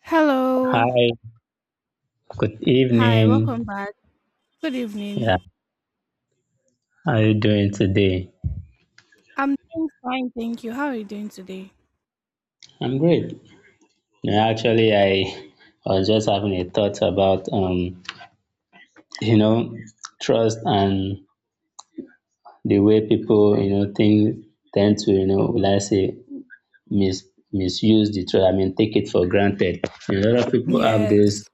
Hello. Hi, good Hi, welcome evening. back. Good evening. Yeah, how are you doing today? I'm doing fine, thank you. How are you doing today? I'm great. You actually, I was just having a thought about you know, trust and the way people, you know, think tend to, you know, will I say, mis misuse the trust. I mean, take it for granted. A lot of people have Yes. this.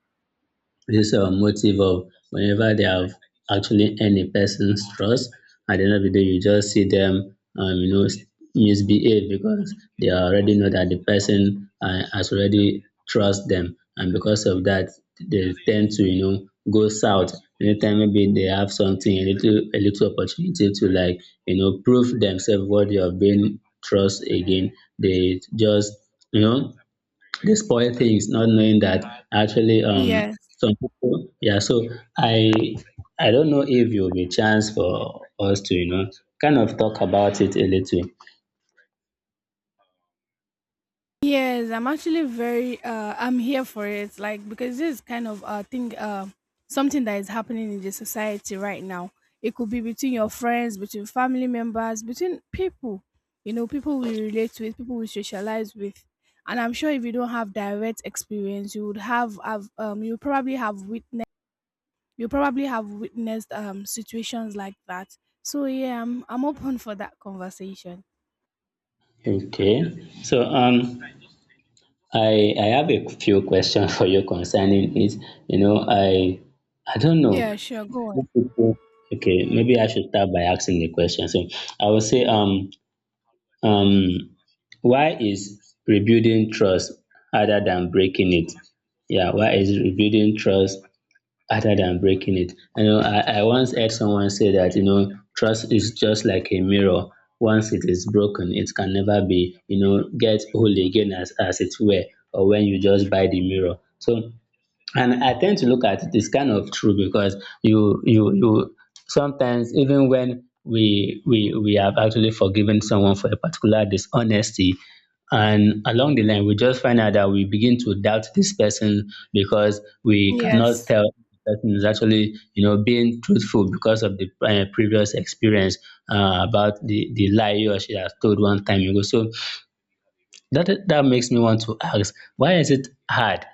This is a motive of whenever they have actually earned a person's trust, at the end of the day, you just see them, misbehave because they already know that the person has already trust them, and because of that, they tend to, you know, go south. Anytime maybe they have something, a little opportunity to like, you know, prove themselves worthy of being trust again. They just, you know, the spoil thing is not knowing that actually Yes. some people yeah so I I don't know if you'll be chance for us to, you know, kind of talk about it a little. Yes, I'm actually very I'm here for it, like, because this is kind of thing something that is happening in the society right now. It could be between your friends, between family members, between people. You know, people we relate with, people we socialize with. And I'm sure if you don't have direct experience, you would have you probably have witnessed situations like that. So yeah, I'm open for that conversation. Okay. So I have a few questions for you concerning it. You know I I don't know. Yeah, sure, go on. Okay, maybe I should start by asking the question. So I would say um why is rebuilding trust harder than breaking it? Yeah, why is rebuilding trust other than breaking it? You know, I once heard someone say that, you know, trust is just like a mirror. Once it is broken, it can never be, you know, get whole again as it were, or when you just buy the mirror. So and I tend to look at it is kind of true because you sometimes even when we have actually forgiven someone for a particular dishonesty, and along the line we just find out that we begin to doubt this person because we cannot Yes. tell if the person is actually, you know, being truthful because of the previous experience about the lie he or she has told one time ago. So that makes me want to ask why is it hard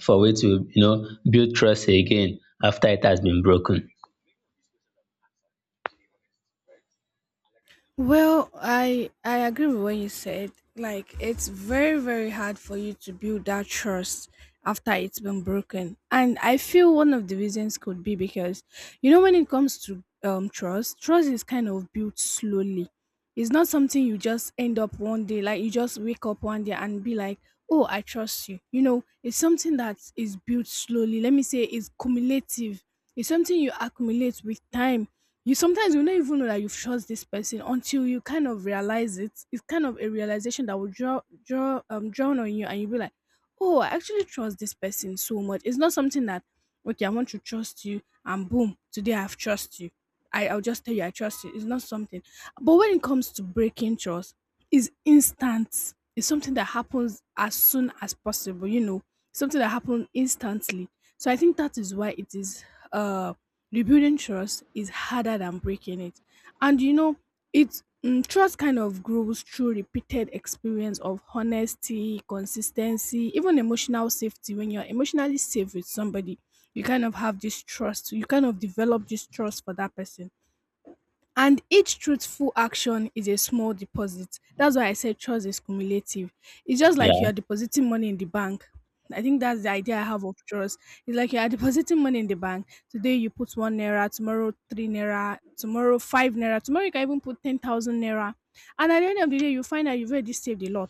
for we to, you know, build trust again after it has been broken. Well, I agree with what you said. Like, it's very hard for you to build that trust after it's been broken. And I feel one of the reasons could be because, you know, when it comes to trust, trust is kind of built slowly. It's not something you just end up one day, like you just wake up one day and be like, "Oh, I trust you." You know, it's something that is built slowly. Let me say it's cumulative. It's something you accumulate with time. You sometimes you don't even know that you've shot this person until you kind of realize it. It's kind of a realization that will draw draw drown on you, and you'll be like, "Oh, I actually trust this person so much." It's not something that, okay, I want to trust you, and boom, today I've trust you. I'll just tell you I trust you. It's not something. But when it comes to breaking trust, it's instant. It's something that happens as soon as possible, you know. Something that happens instantly. So I think that is why it is uh rebuilding trust is harder than breaking it. And you know it's trust kind of grows through repeated experience of honesty, consistency, even emotional safety. When you're emotionally safe with somebody, you kind of have this trust, you kind of develop this trust for that person. And each truthful action is a small deposit. That's why I said trust is cumulative. It's just Yeah, like you are depositing money in the bank. I think that's the idea I have of trust. It's like you are depositing money in the bank. Today you put one naira, tomorrow three naira, tomorrow five naira, tomorrow you can even put 10,000 naira. And at the end of the day, you find that you've already saved a lot.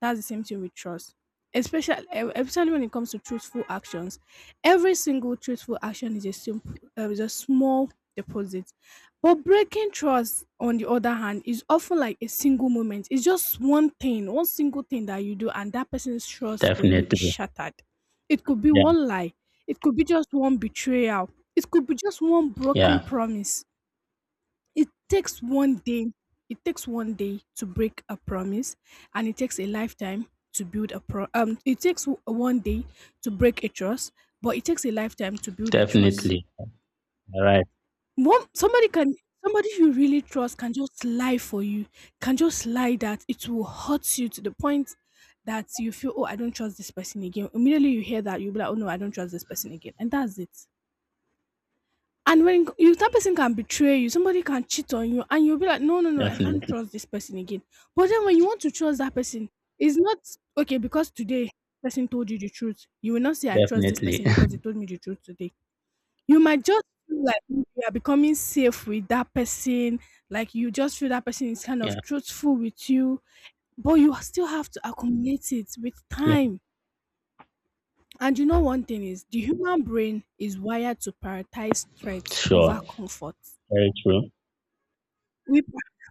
That's the same thing with trust, especially especially when it comes to truthful actions. Every single truthful action is a small deposit. But breaking trust, on the other hand, is often like a single moment. It's just one thing, one single thing that you do, and that person's trust for you is definitely. shattered. It could be Yeah, one lie, it could be just one betrayal, it could be just one broken yeah, promise. It takes one day. It takes one day to break a promise, and it takes a lifetime to build a pro. It takes one day to break a trust, but it takes a lifetime to build a trust. definitely. All right, One somebody you really trust can just lie for you, can just lie that it will hurt you to the point that you feel, oh, I don't trust this person again. Immediately you hear that, you'll be like, oh no, I don't trust this person again, and that's it. And when you that person can betray you, somebody can cheat on you, and you'll be like, no, no, no, I can't definitely, trust this person again. But then when you want to trust that person, it's not okay because today person told you the truth. You will not say I trust this definitely. person because he told me the truth today. You might just feel like you are becoming safe with that person, like you just feel that person is kind Yeah, of truthful with you, but you still have to accumulate it with yeah, time. And you know, one thing is the human brain is wired to prioritize threats sure. over comfort. Very true. We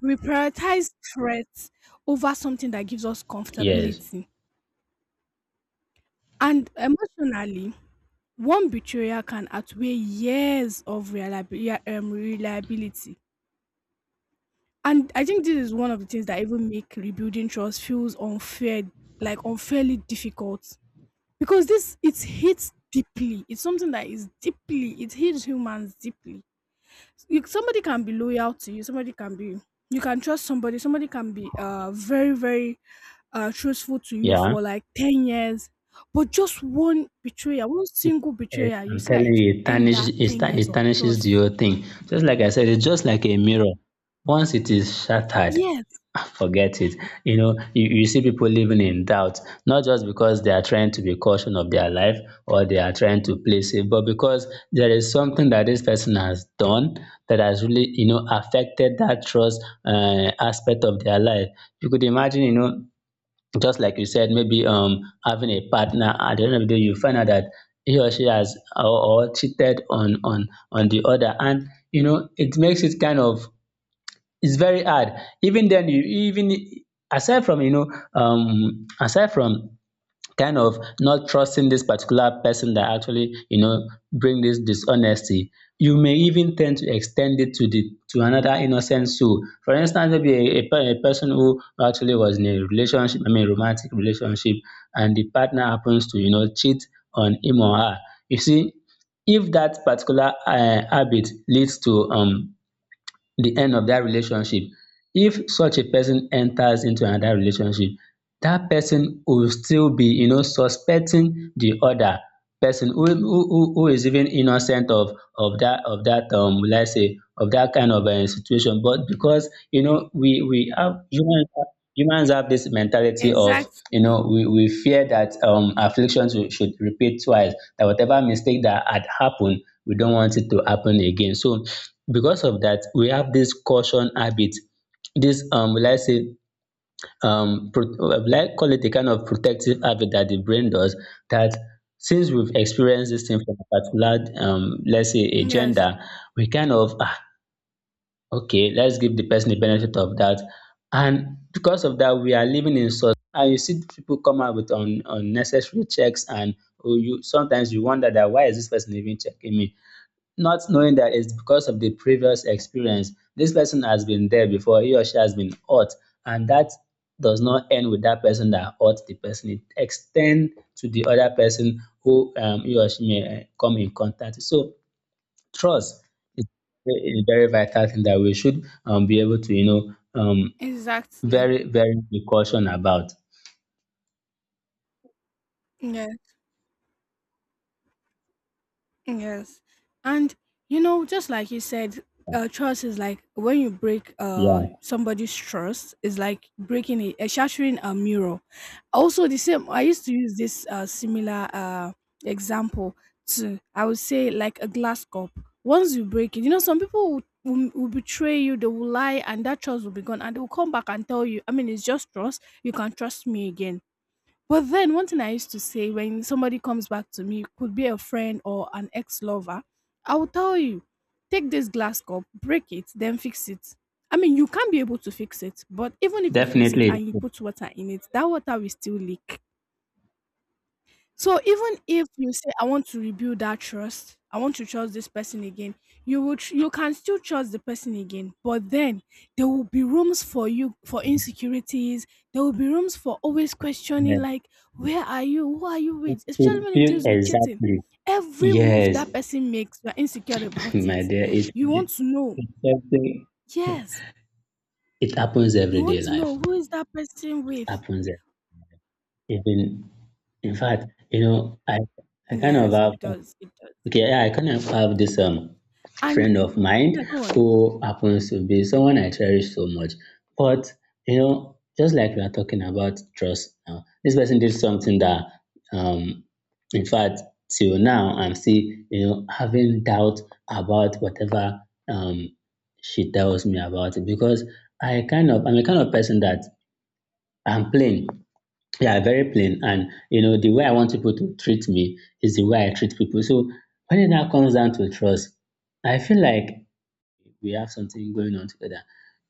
we prioritize threats over something that gives us Yes. comfortability. And emotionally, one betrayal can outweigh years of reliability. And I think this is one of the things that even make rebuilding trust feels unfair, like unfairly difficult. Because this it hits deeply. It's something that is deeply, it hits humans deeply. You, somebody can be loyal to you, somebody can be, you can trust somebody, somebody can be very very truthful to you Yeah. for like 10 years, but just one betrayal, one It single it betrayal, you I'm see that telling it you, will it end tarnish that it 10 tar years it of tarnishes the trust. whole thing. Just like I said, it's just like a mirror. Once it is shattered, Yes, forget it. You know, you see people living in doubt, not just because they are trying to be cautious of their life or they are trying to play safe, but because there is something that this person has done that has really, you know, affected that trust aspect of their life. You could imagine, you know, just like you said, maybe having a partner at the end of the day, you find out that he or she has or cheated on on the other, and you know it makes it kind of it's very hard. Even then, you even aside from, you know, aside from kind of not trusting this particular person that actually, you know, bring this dishonesty, you may even tend to extend it to the to another innocent soul. For instance, maybe a, a person who actually was in a relationship, I mean romantic relationship, and the partner happens to, you know, cheat on him or her. You see, if that particular habit leads to the end of that relationship. If such a person enters into another relationship, that person will still be, you know, suspecting the other person, who is even innocent of that let's say of that kind of a situation. But because, you know, we have humans have- humans have this mentality of, you exactly. know, we fear that afflictions should repeat twice, that whatever mistake that had happened we don't want it to happen again. So because of that we have this caution habit, this will I say will I call it a kind of protective habit that the brain does, that since we've experienced this thing from a particular let's say a Yes, gender, we kind of ah, okay, let's give the person the benefit of that. And because of that we are living in such, and you see people come out with unnecessary checks, and oh, you sometimes you wonder that why is this person even checking me, not knowing that it's because of the previous experience, this person has been there before, he or she has been hurt, and that does not end with that person that hurt the person. It extend to the other person who, he or she may come in contact. So trust is a very vital thing that we should, be able to, you know, um, exactly. very, very be caution about. Yes. Yes. And, you know, just like you said, trust is like when you break Yeah, somebody's trust is like shattering a mirror. Also, the same. I used to use this similar example to, I would say, like a glass cup. Once you break it, you know, some people will betray you. They will lie, and that trust will be gone, and they will come back and tell you. I mean, it's just trust. You can trust me again. But then one thing I used to say when somebody comes back to me, could be a friend or an ex-lover, I will tell you, take this glass cup, break it, then fix it. I mean, you can't be able to fix it, but even if you fix it definitely. and you put water in it, that water will still leak. So even if you say I want to rebuild that trust, I want to trust this person again, you can still trust the person again, but then there will be rooms for you for insecurities. There will be rooms for always questioning, Yes. like where are you, who are you It, with, especially it when it feels deals with cheating. exactly. Every move Yes, that person makes, you are insecure about my it. dear. You want to know, It's something. yes, It happens you everyday want to life. know who is that person It with. happens even, in fact, you know, I kind of Yes, have it does, it does. okay, yeah, I kind of have this And friend of yeah, mine go on. who happens to be someone I cherish so much. But you know, just like we are talking about trust now, this person did something that um in fact till now I'm still, you know, having doubt about whatever um she tells me about it. Because I kind of I'm a kind of person that I'm plain. Yeah, very plain. And you know, the way I want people to treat me is the way I treat people. So when it now comes down to trust, I feel like we have something going on together.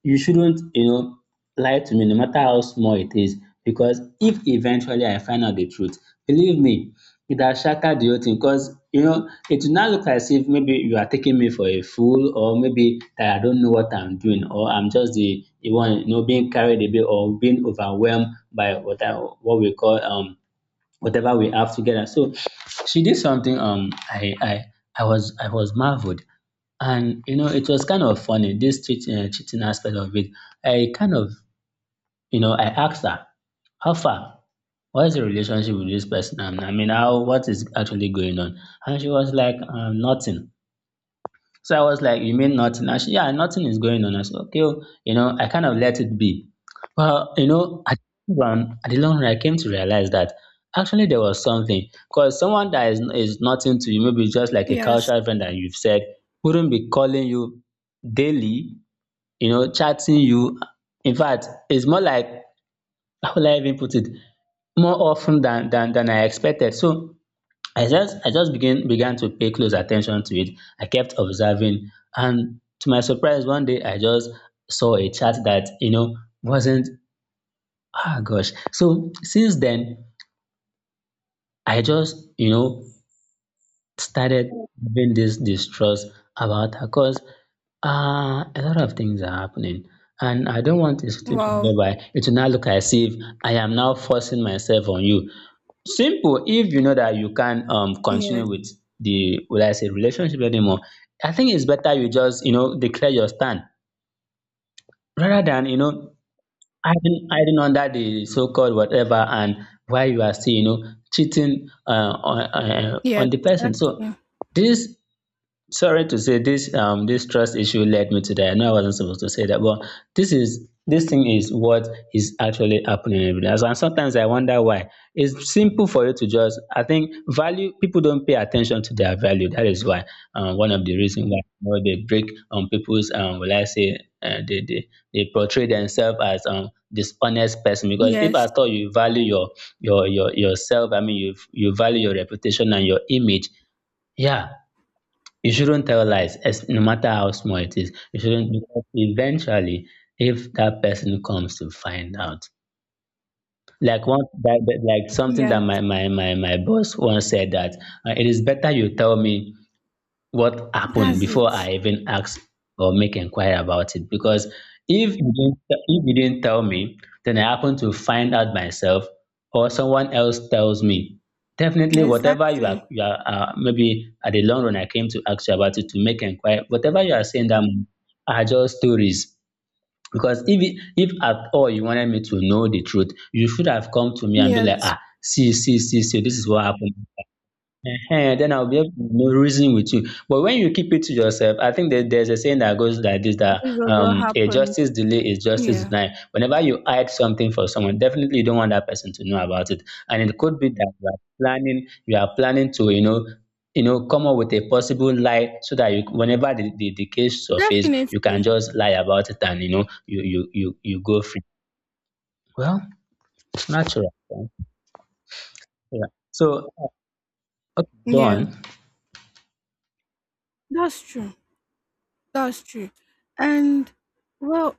You shouldn't, you know, lie to me no matter how small it is, because if eventually I find out the truth, believe me, it has shattered the whole thing, because, you know, it will now look as if maybe you are taking me for a fool, or maybe that I don't know what I'm doing, or I'm just the one, you know, being carried away or being overwhelmed by what I, what we call whatever we have together. So she did something I was marveled. And you know, it was kind of funny this cheating, cheating aspect of it. I kind of, you know, I asked her, "How far? What is the relationship with this person? I mean, how what is actually going on?" And she was like, "Nothing." So I was like, you mean nothing? And she, yeah, nothing is going on. I said, okay, oh," you know, I kind of let it be. Well, you know, at the long run, at the long run, I came to realize that actually there was something, because someone that is nothing to you, maybe just like a Yes. casual friend that you've said, wouldn't be calling you daily, you know, chatting you. In fact, it's more like, how will I even put it, more often than I expected. So I just began to pay close attention to it. I kept observing, and to my surprise, one day I just saw a chart that you know wasn't ah gosh. So since then, I just you know started having this distrust about her, because uh, a lot of things are happening. And I don't want a situation Wow. whereby it will now look as if I am now forcing myself on you. Simple, if you know that you can't Yes. continue with the what I say relationship anymore, I think it's better you just you know declare your stand, rather than you know hiding under the so called whatever, and while you are still you know cheating on Yes, the person. So exactly. this sorry to say this, this trust issue led me to that. I know I wasn't supposed to say that, but this thing is what is actually happening every day. And sometimes I wonder why. It's simple for you to just I think value people don't pay attention to their value. That is why, one of the reasons why they break on people's will I say they portray themselves as dishonest person. Because if Yes, at all you value your yourself, I mean you value your reputation and your image, yeah, you shouldn't tell lies, as no matter how small it is. You shouldn't, because eventually, if that person comes to find out, like one that, like something that yes, my boss once said, that it is better you tell me what happened that's before it. I even ask or make inquiry about it. Because if you didn't tell me, then I happen to find out myself, or someone else tells me. Definitely, whatever you Exactly. are, maybe at the long run, I came to ask you about it to make inquiry. Whatever you are saying, that moment are just stories. Because if at all you wanted me to know the truth, you should have come to me and be like, Yes, ah, see, see, see, see, this is what happened. Ehen, then I'll be able to reason with you. But when you keep it to yourself, I think that there's a saying that goes like this that this also um, a happened. justice delay is justice Yeah, denied. Whenever you hide something for someone, definitely you don't want that person to know about it. And it could be that you are planning to come up with a possible lie so that you, whenever the case surface, you can definitely. just lie about it, and you go free. Well, natural. Yeah. So, okay, go Yeah, on. that's true. That's true. And well,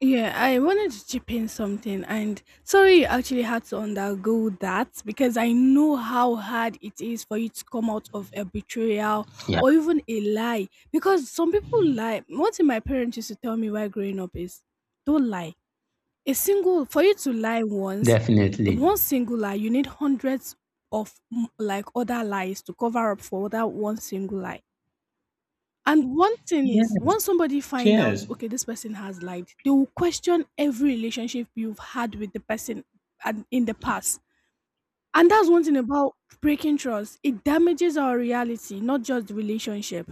yeah, I wanted to chip in something, and sorry, you actually had to undergo that, because I know how hard it is for you to come out of a betrayal Yeah, or even a lie. Because some people lie. One thing my parents used to tell me while growing up is, "Don't lie." A single for you to lie once, definitely. one single lie, you need hundreds of like other lies to cover up for that one single lie. And one thing is, once somebody find out, okay, this person has lied, they will question every relationship you've had with the person and in the past. And that's one thing about breaking trust. It damages our reality, not just the relationship.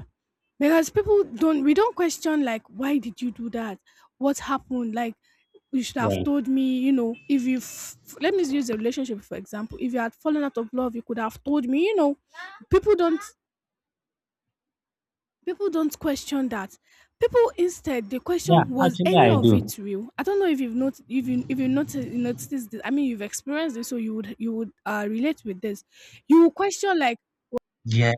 Because people don't, we don't question like, why did you do that? What happened? Like, you should have Yeah. told me, you know, if you, f- let me use a relationship for example. If you had fallen out of love, you could have told me, you know, people don't, people don't question that. People instead, the Yeah, question was actually any I of do. it real? I don't know if you noticed this. I mean, you've experienced this, so you would relate with this. You will question like, Yeah,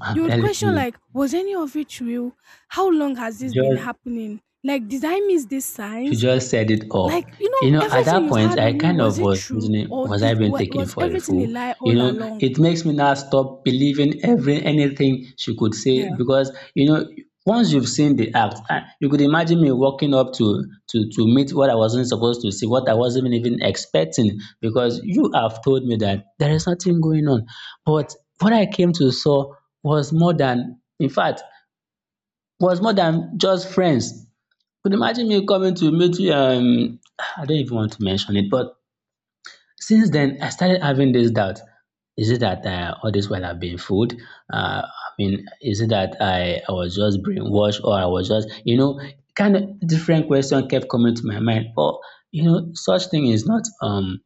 I'm you would telling question you. like, was any of it real, how long has this been Just happening, like did I miss these You signs, just said it all. like, you You know, know, at everything that you've point, had I with me, kind was of it was true, reasoning, or was I being taken was for a everything a fool? lie You all know, along? it makes me now stop believing every anything she could say Yeah. because once you've seen the act, ah, you could imagine me walking up to meet what I wasn't supposed to see, what I wasn't even expecting, because you have told me that there is nothing going on. But what I came to saw was more than, in fact, was more than just friends. Could imagine me coming to meet you. I don't even want to mention it, but since then, I started having this doubt. Is it that all this while I've been fooled? I mean, is it that I was just brainwashed, or I was just, kind of different question kept coming to my mind. Or, such thing is not um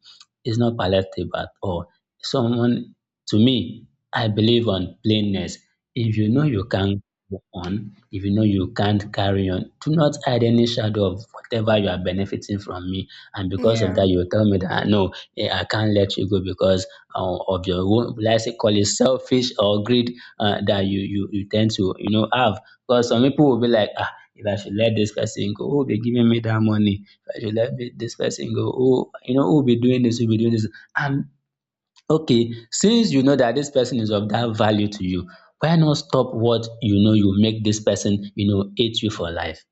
is not palatable at all. Someone to me, I believe on plainness. If you know you can't go on, if you know you can't carry on, do not hide any shadow of whatever you are benefiting from me. And because of Yeah. that, you will tell me that, "Ah, no, yeah, I can't let you go because of your own, let's say, call it selfish or greed, that you tend to have." Because some people will be like, ah, if I should let this person go, who will be giving me that money? If I should this person go, who you know who will be doing this? Who will be doing this? And okay, since you know that this person is of that value to you, why not stop what you make this person hate you for life?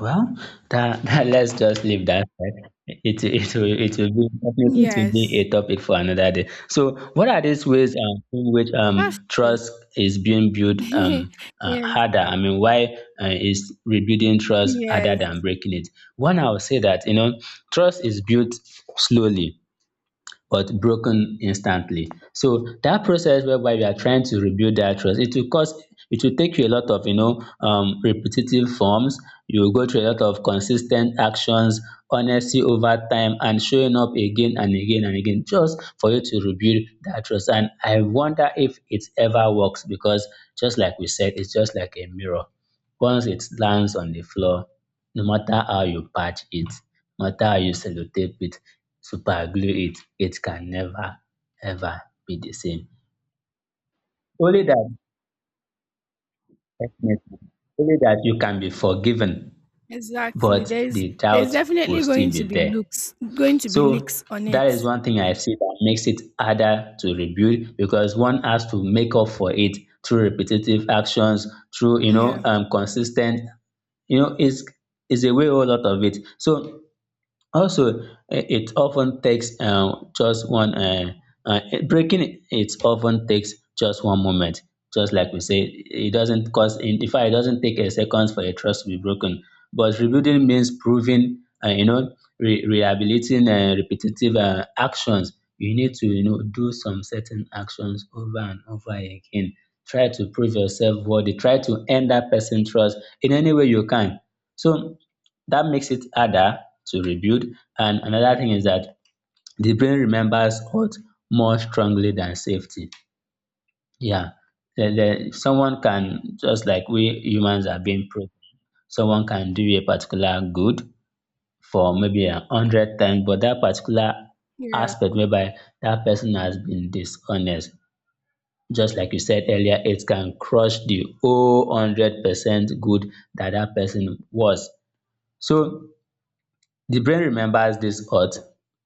Well, that, that let's just leave that, right? It will be definitely. It will be Yes, a topic for another day. So, what are these ways, in which that's true. trust is being built, Yes. harder? I mean, why is rebuilding trust harder Yes, than breaking it? One, I would say that trust is built slowly but broken instantly. So that process whereby you are trying to rebuild that trust, it will take you a lot of, repetitive forms. You will go through a lot of consistent actions, honesty over time, and showing up again and again and again just for you to rebuild that trust. And I wonder if it ever works, because just like we said, it's just like a mirror. Once it lands on the floor, no matter how you patch it, no matter how you sellotape it, super glue it, it can never ever be the same. Only that definitely, only that you can be forgiven, exactly. but there's the there's doubt will definitely still going to be be there. So leaks on that is it. one thing I see that makes it harder to rebuild, because one has to make up for it through repetitive actions, through, Yeah. Consistent, you know it's it's a way whole lot of it. So. Also, it often takes, just one, uh, breaking it often takes just one moment. Just like we say, it doesn't cost, in fact, it doesn't take a second for a trust to be broken. But rebuilding means proving, rehabilitating, repetitive, actions. You need to do some certain actions over and over again. Try to prove yourself worthy. Try to earn that person trust in any way you can. So that makes it harder to rebuild. And another thing is that the brain remembers hurt more strongly than safety. Yeah. The, Someone can, just like we humans are being proved. Someone can do a particular good for maybe 100 times, but that particular Yeah. aspect whereby that person has been dishonest, just like you said earlier, it can crush the whole 100% good that that person was. So the brain remembers this hurt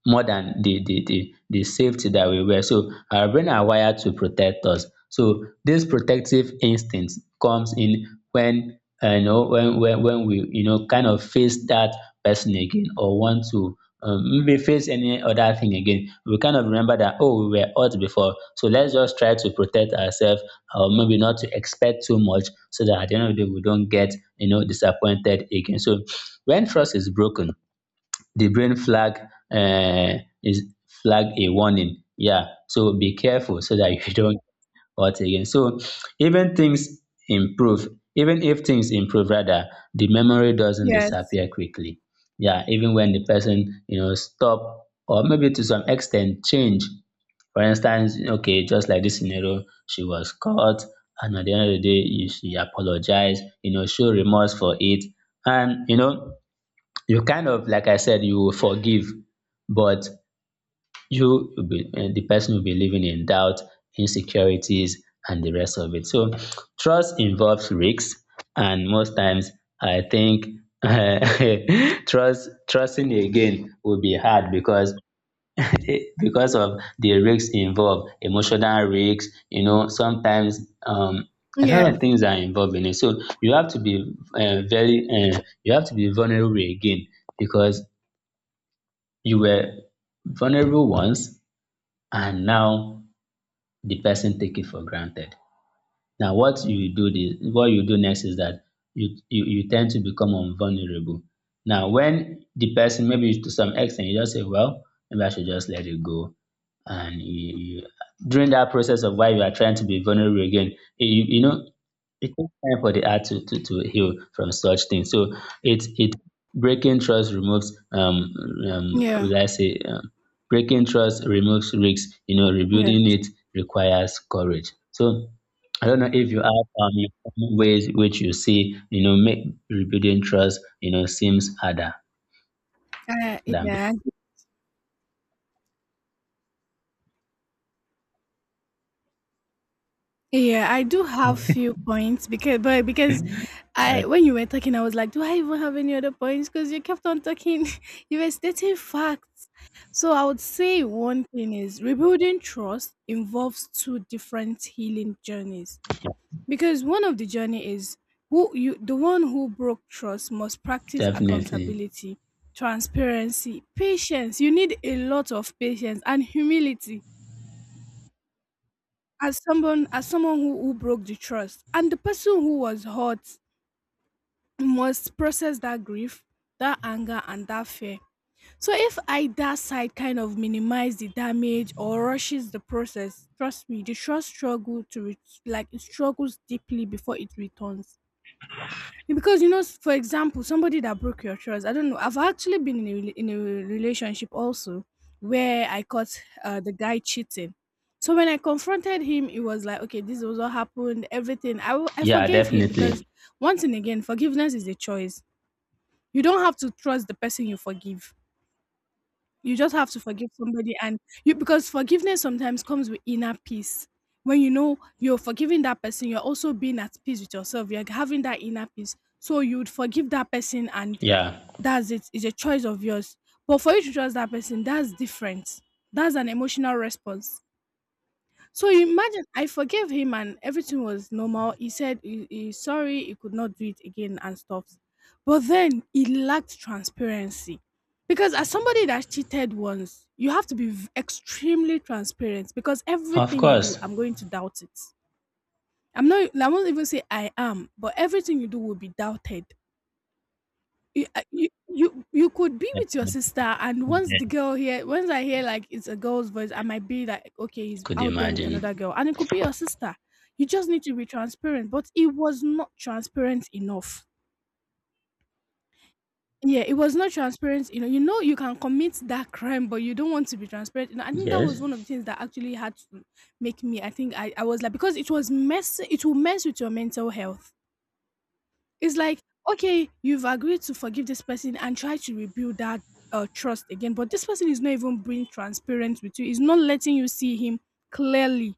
more than the safety that we were. So our brain are wired to protect us. So this protective instinct comes in when when we kind of face that person again, or want to, maybe face any other thing again, we kind of remember that, oh, we were hurt before, so let's just try to protect ourselves, or maybe not to expect too much, so that at the end of the day we don't get, disappointed again. So when trust is broken, the brain flag, is flag a warning, yeah, so be careful so that you don't what again. So even things improve, even if things improve rather, the memory doesn't Yes. disappear quickly. Yeah, even when the person stop or maybe to some extent change. For instance, okay, just like this scenario, she was caught, and at the end of the day, you she apologized, show remorse for it, and you kind of, like I said, you will forgive, but you will be eh, the person will be living in doubt, insecurities, and the rest of it. So trust involves risks, and most times I think, trusting again will be hard, because because of the risks involved, emotional risks. You know, sometimes, um, a lot Yes. of things are involved in it. So you have to be, very, you have to be vulnerable again, because you were vulnerable once, and now the person take it for granted. Now what you do next is that you tend to become unvulnerable. Now when the person maybe to some extent, you just say, well, maybe I should just let it go. And you during that process of why you are trying to be vulnerable again, you know it takes time for the heart to heal from such things. So it breaking trust removes, Yeah. will I say, breaking trust removes risks. You know, rebuilding Yes. it requires courage. So I don't know if you have, your own ways which you see, make rebuilding trust, seems harder uh, than yeah Yeah, I do have few points, because I before. when you were talking I was like, do I even have any other points? Because you kept on talking, you were stating facts. So I would say one thing is rebuilding trust involves two different healing journeys. Because one of the journey is who you the one who broke trust must practice Definitely. accountability, transparency, patience. You need a lot of patience and humility as someone who broke the trust, and the person who was hurt must process that grief, that anger, and that fear. So if either side kind of minimize the damage or rushes the process, trust me, the trust struggle to re- like it struggles deeply before it returns. Because, you know, for example, somebody that broke your trust. I don't know. I've actually been in a relationship also where I caught the guy cheating. So when I confronted him, it was like, okay, this was what happened. Everything. I Yeah, forgave him because definitely. once and again, forgiveness is a choice. You don't have to trust the person you forgive. You just have to forgive somebody and you because forgiveness sometimes comes with inner peace. When you know you're forgiving that person, you're also being at peace with yourself. You're having that inner peace. So you would forgive that person and Yeah, that's it. It's a choice of yours. But for you to trust that person, that's different. That's an emotional response. So you imagine, I forgave him and everything was normal. He said he's sorry, he could not do it again and stuff. But then he lacked transparency. Because as somebody that cheated once, you have to be extremely transparent because of everything you do, course. I'm going to doubt it. I won't even say I am, but everything you do will be doubted. You could be with your Definitely. sister, and once Yeah, the girl hear, once I hear like it's a girl's voice, I might be like, okay, he's could out there with imagine. another girl, and it could be your sister. You just need to be transparent, but it was not transparent enough. Yeah, it was not transparent. You know, you know, you can commit that crime, but you don't want to be transparent. You know, I think that was one of the Yes, things that actually had to make me, I was like, because it was mess, it will mess with your mental health. It's like, okay, you've agreed to forgive this person and try to rebuild that trust again, but this person is not even being transparent with you. Is not letting you see him clearly.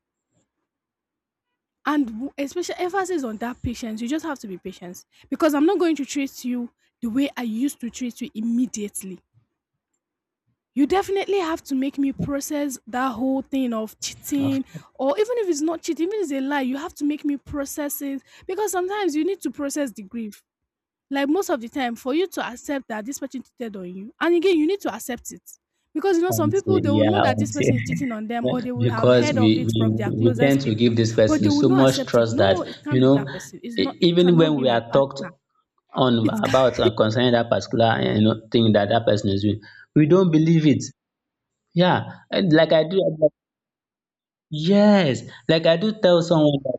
And especially emphasis on that patience. You just have to be patient because I'm not going to treat you the way I used to treat you immediately. You definitely have to make me process that whole thing of of cheating, or even if it's not cheating, even if it's a lie, you have to make me process it because sometimes you need to process the grief. Like most of the time, for you to accept that this person cheated on you, and again, you need to accept it. Because you know, some until, people they will yeah, know that this until person is cheating on them, or they will have because heard we, of it we from their we tend closest to people, give this but person they will so not much accept it. trust that No, it you can't be know that person. It even when cannot be we my are talked partner. on It can about and concerning that particular, thing that that person is doing, we don't believe it. Yeah. And like I do. I'm like, yes, like I do tell someone that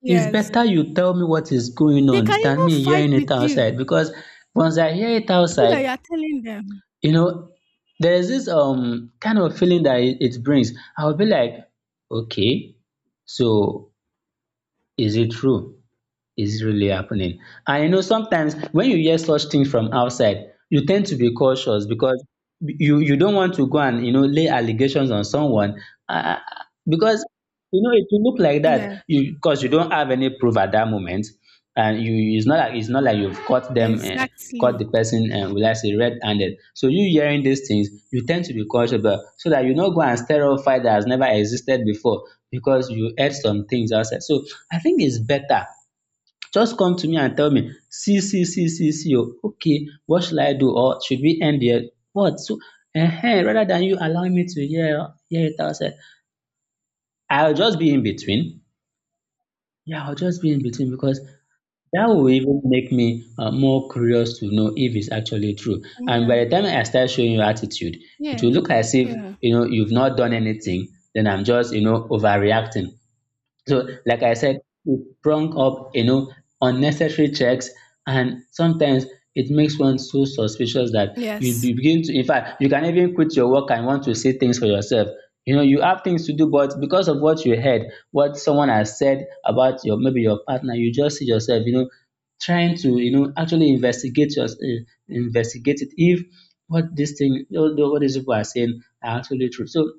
it's yes. better you tell me what is going They on can than even me fight hearing it with you. outside. Because once I hear it You outside, that you are telling them. you know, there's this kind of feeling that it brings. I'll be like, okay, so is it true? Is really happening. And you know, sometimes when you hear such things from outside, you tend to be cautious because you don't want to go and you know lay allegations on someone uh, because you know it will look like that Yeah. you because you don't have any proof at that moment, and you it's not like you've caught them caught Exactly. the person and will I say red-handed, so you hearing these things you tend to be cautious but so that you not go and stir up fight that has never existed before because you heard some things outside. So I think it's better just come to me and tell me, see see see see see o okay, what shall I do or should we end here what. So ehen, rather than you allowing me to hear it outside. I'll just be in between, yeah, I'll just be in between, because that will even make me more curious to know if it's actually true, and Yeah. by the time I start showing you attitude it will Yeah. look as if, Yeah. you know, you've not done anything, then I'm just, you know, overreacting. So, like I said, it sprung up, you know, unnecessary checks, and sometimes it makes one so suspicious that you Yes. Begin to, in fact, you can even quit your work and want to see things for yourself. You know, you have things to do, but because of what you heard, what someone has said about your maybe your partner, you just see yourself, you know, trying to, you know, actually investigate your, investigate it if what this thing, what these people are saying are actually true. So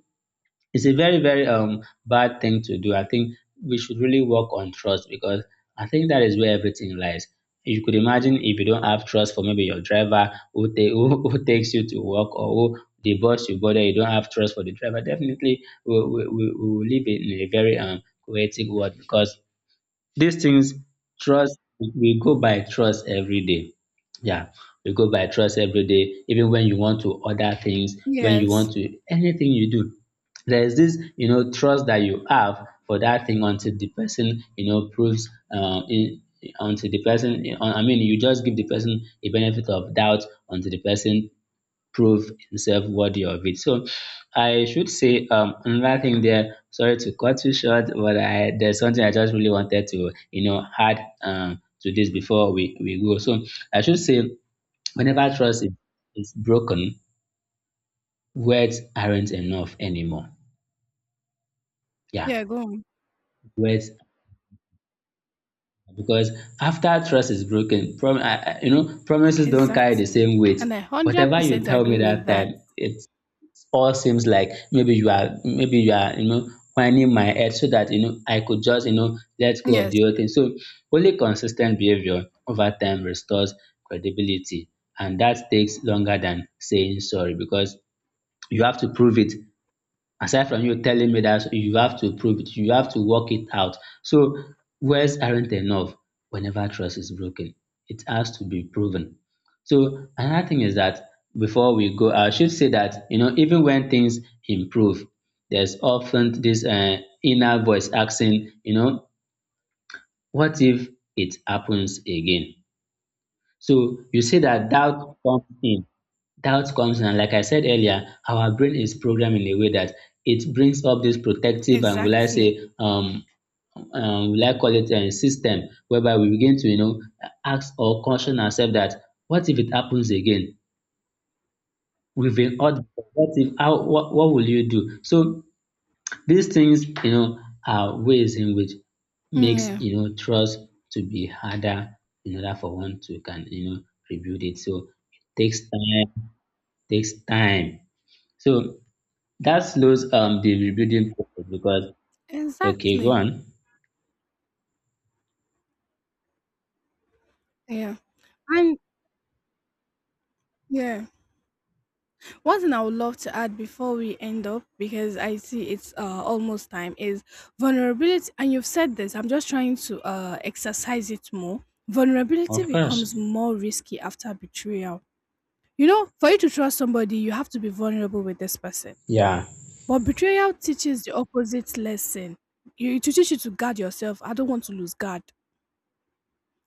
it's a very, very bad thing to do. I think we should really work on trust because I think that is where everything lies. You could imagine if you don't have trust for maybe your driver who, who takes you to work or who the bus you bother, you don't have trust for the driver. Definitely, we will live in a very chaotic world because these things, trust, we go by trust every day. Yeah, we go by trust every day, even when you want to order things, when you want Yes. to, anything you do. There's this, you know, trust that you have for that thing until the person, you know, proves, in, until the person, I mean, you just give the person a benefit of doubt until the person prove himself worthy of it. So I should say another thing there. Sorry to cut you short, but I there's something I just really wanted to you know add to this before we go. So I should say whenever is broken, words aren't enough anymore. Yeah, Yeah, go on. words. Because after trust is broken, prom I you know, promises don't carry the Exactly. same weight. And I Whatever you 100% tell me agree that with that. time, it all seems like maybe you are, you know, whining my head so that you know I could just, you know, let go of Yes. the whole thing. So only consistent behavior over time restores credibility. And that takes longer than saying sorry because you have to prove it, aside from you telling me that you have to prove it, you have to work it out. So words aren't enough whenever trust is broken, it has to be proven. So another thing is that before we go, I should say that, you know, even when things improve, there's often this inner voice asking, you know, what if it happens again? So you see that doubt comes in. Doubt comes in and like I said earlier, our brain is programmed in a way that it brings up this protective and will I Exactly. say will I call it a system, whereby we begin to, you know, ask or caution ourselves that what if it happens again? We've been out. What if? How? What will you do? So these things, you know, are ways in which Mm, makes, yeah. you know, trust to be harder in order for one to can, you know, rebuild it. So it takes time. Takes time. So that slows the rebuilding process because okay, go Exactly. on. Yeah. And yeah, one thing I would love to add before we end up, because I see it's almost time, is vulnerability. And you've said this. I'm just trying to exercise it more. Vulnerability Of becomes course. more risky after betrayal. You know, for you to trust somebody, you have to be vulnerable with this person. Yeah. But betrayal teaches the opposite lesson. You, it teaches you to guard yourself. I don't want to lose guard.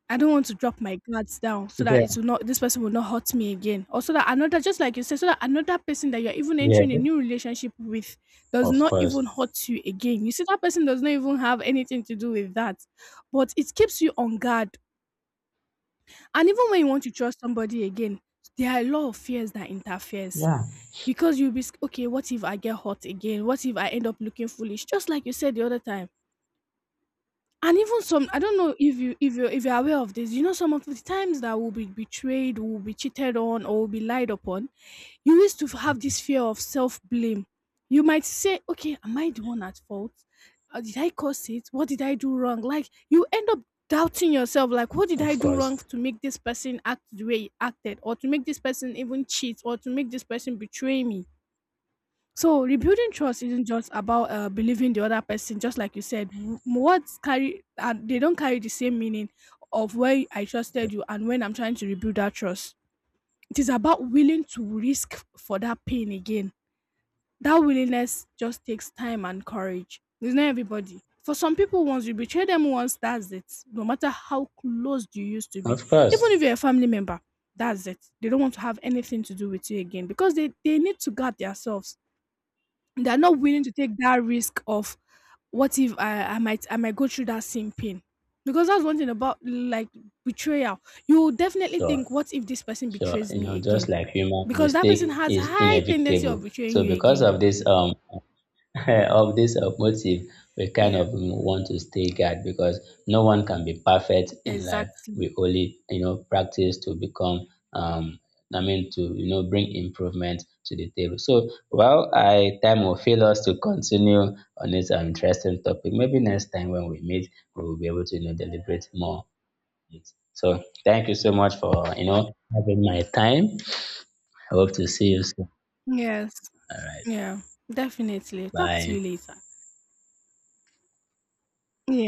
I don't want to drop my guards down so that Yeah. it will not, this person will not hurt me again. Or so that another, just like you said, so that another person that you're even Yeah. entering a new relationship with does Of not course. even hurt you again. You see, that person does not even have anything to do with that. But it keeps you on guard. And even when you want to trust somebody again, there are a lot of fears that interferes. Because you'll be okay, what if I get hurt again? What if I end up looking foolish? Just like you said the other time. And even some, I don't know if you if you if you're aware of this, you know, some of the times that we'll be betrayed, we'll be cheated on, or we'll be lied upon, you used to have this fear of self-blame. You might say, okay, am I the one at fault? Did I cause it? What did I do wrong? Like you end up doubting yourself, like what did I Of do wrong course. to make this person act the way he acted, or to make this person even cheat, or to make this person betray me? So rebuilding trust isn't just about believing the other person, just like you said. Words carry, and they don't carry the same meaning of where I trusted you and when I'm trying to rebuild that trust. It is about willing to risk for that pain again. That willingness just takes time and courage. It's not everybody. For some people, once you betray them once, that's it. No matter how close you used to be, Of even if course. you're a family member, that's it. They don't want to have anything to do with you again, because they need to guard themselves. They are not willing to take that risk of what if I might, I might go through that same pain. Because that's one thing about like betrayal. You will definitely Sure. think, what if this person Sure. betrays You me know, just again? like human Because that mistake person has is high tendency of inevitable. betraying So you because again. of this of this motive, we kind Yeah. of want to stay guard because no one can be perfect in life. Exactly. We only, you know, practice to become, I mean, to, you know, bring improvement to the table. So, well, I time will fail us to continue on this interesting topic. Maybe next time when we meet, we will be able to, you know, deliberate more on it. So, thank you so much for, you know, having my time. I hope to see you soon. Yes. All right. Yeah. Definitely. Talk to Bye. you later. Yeah,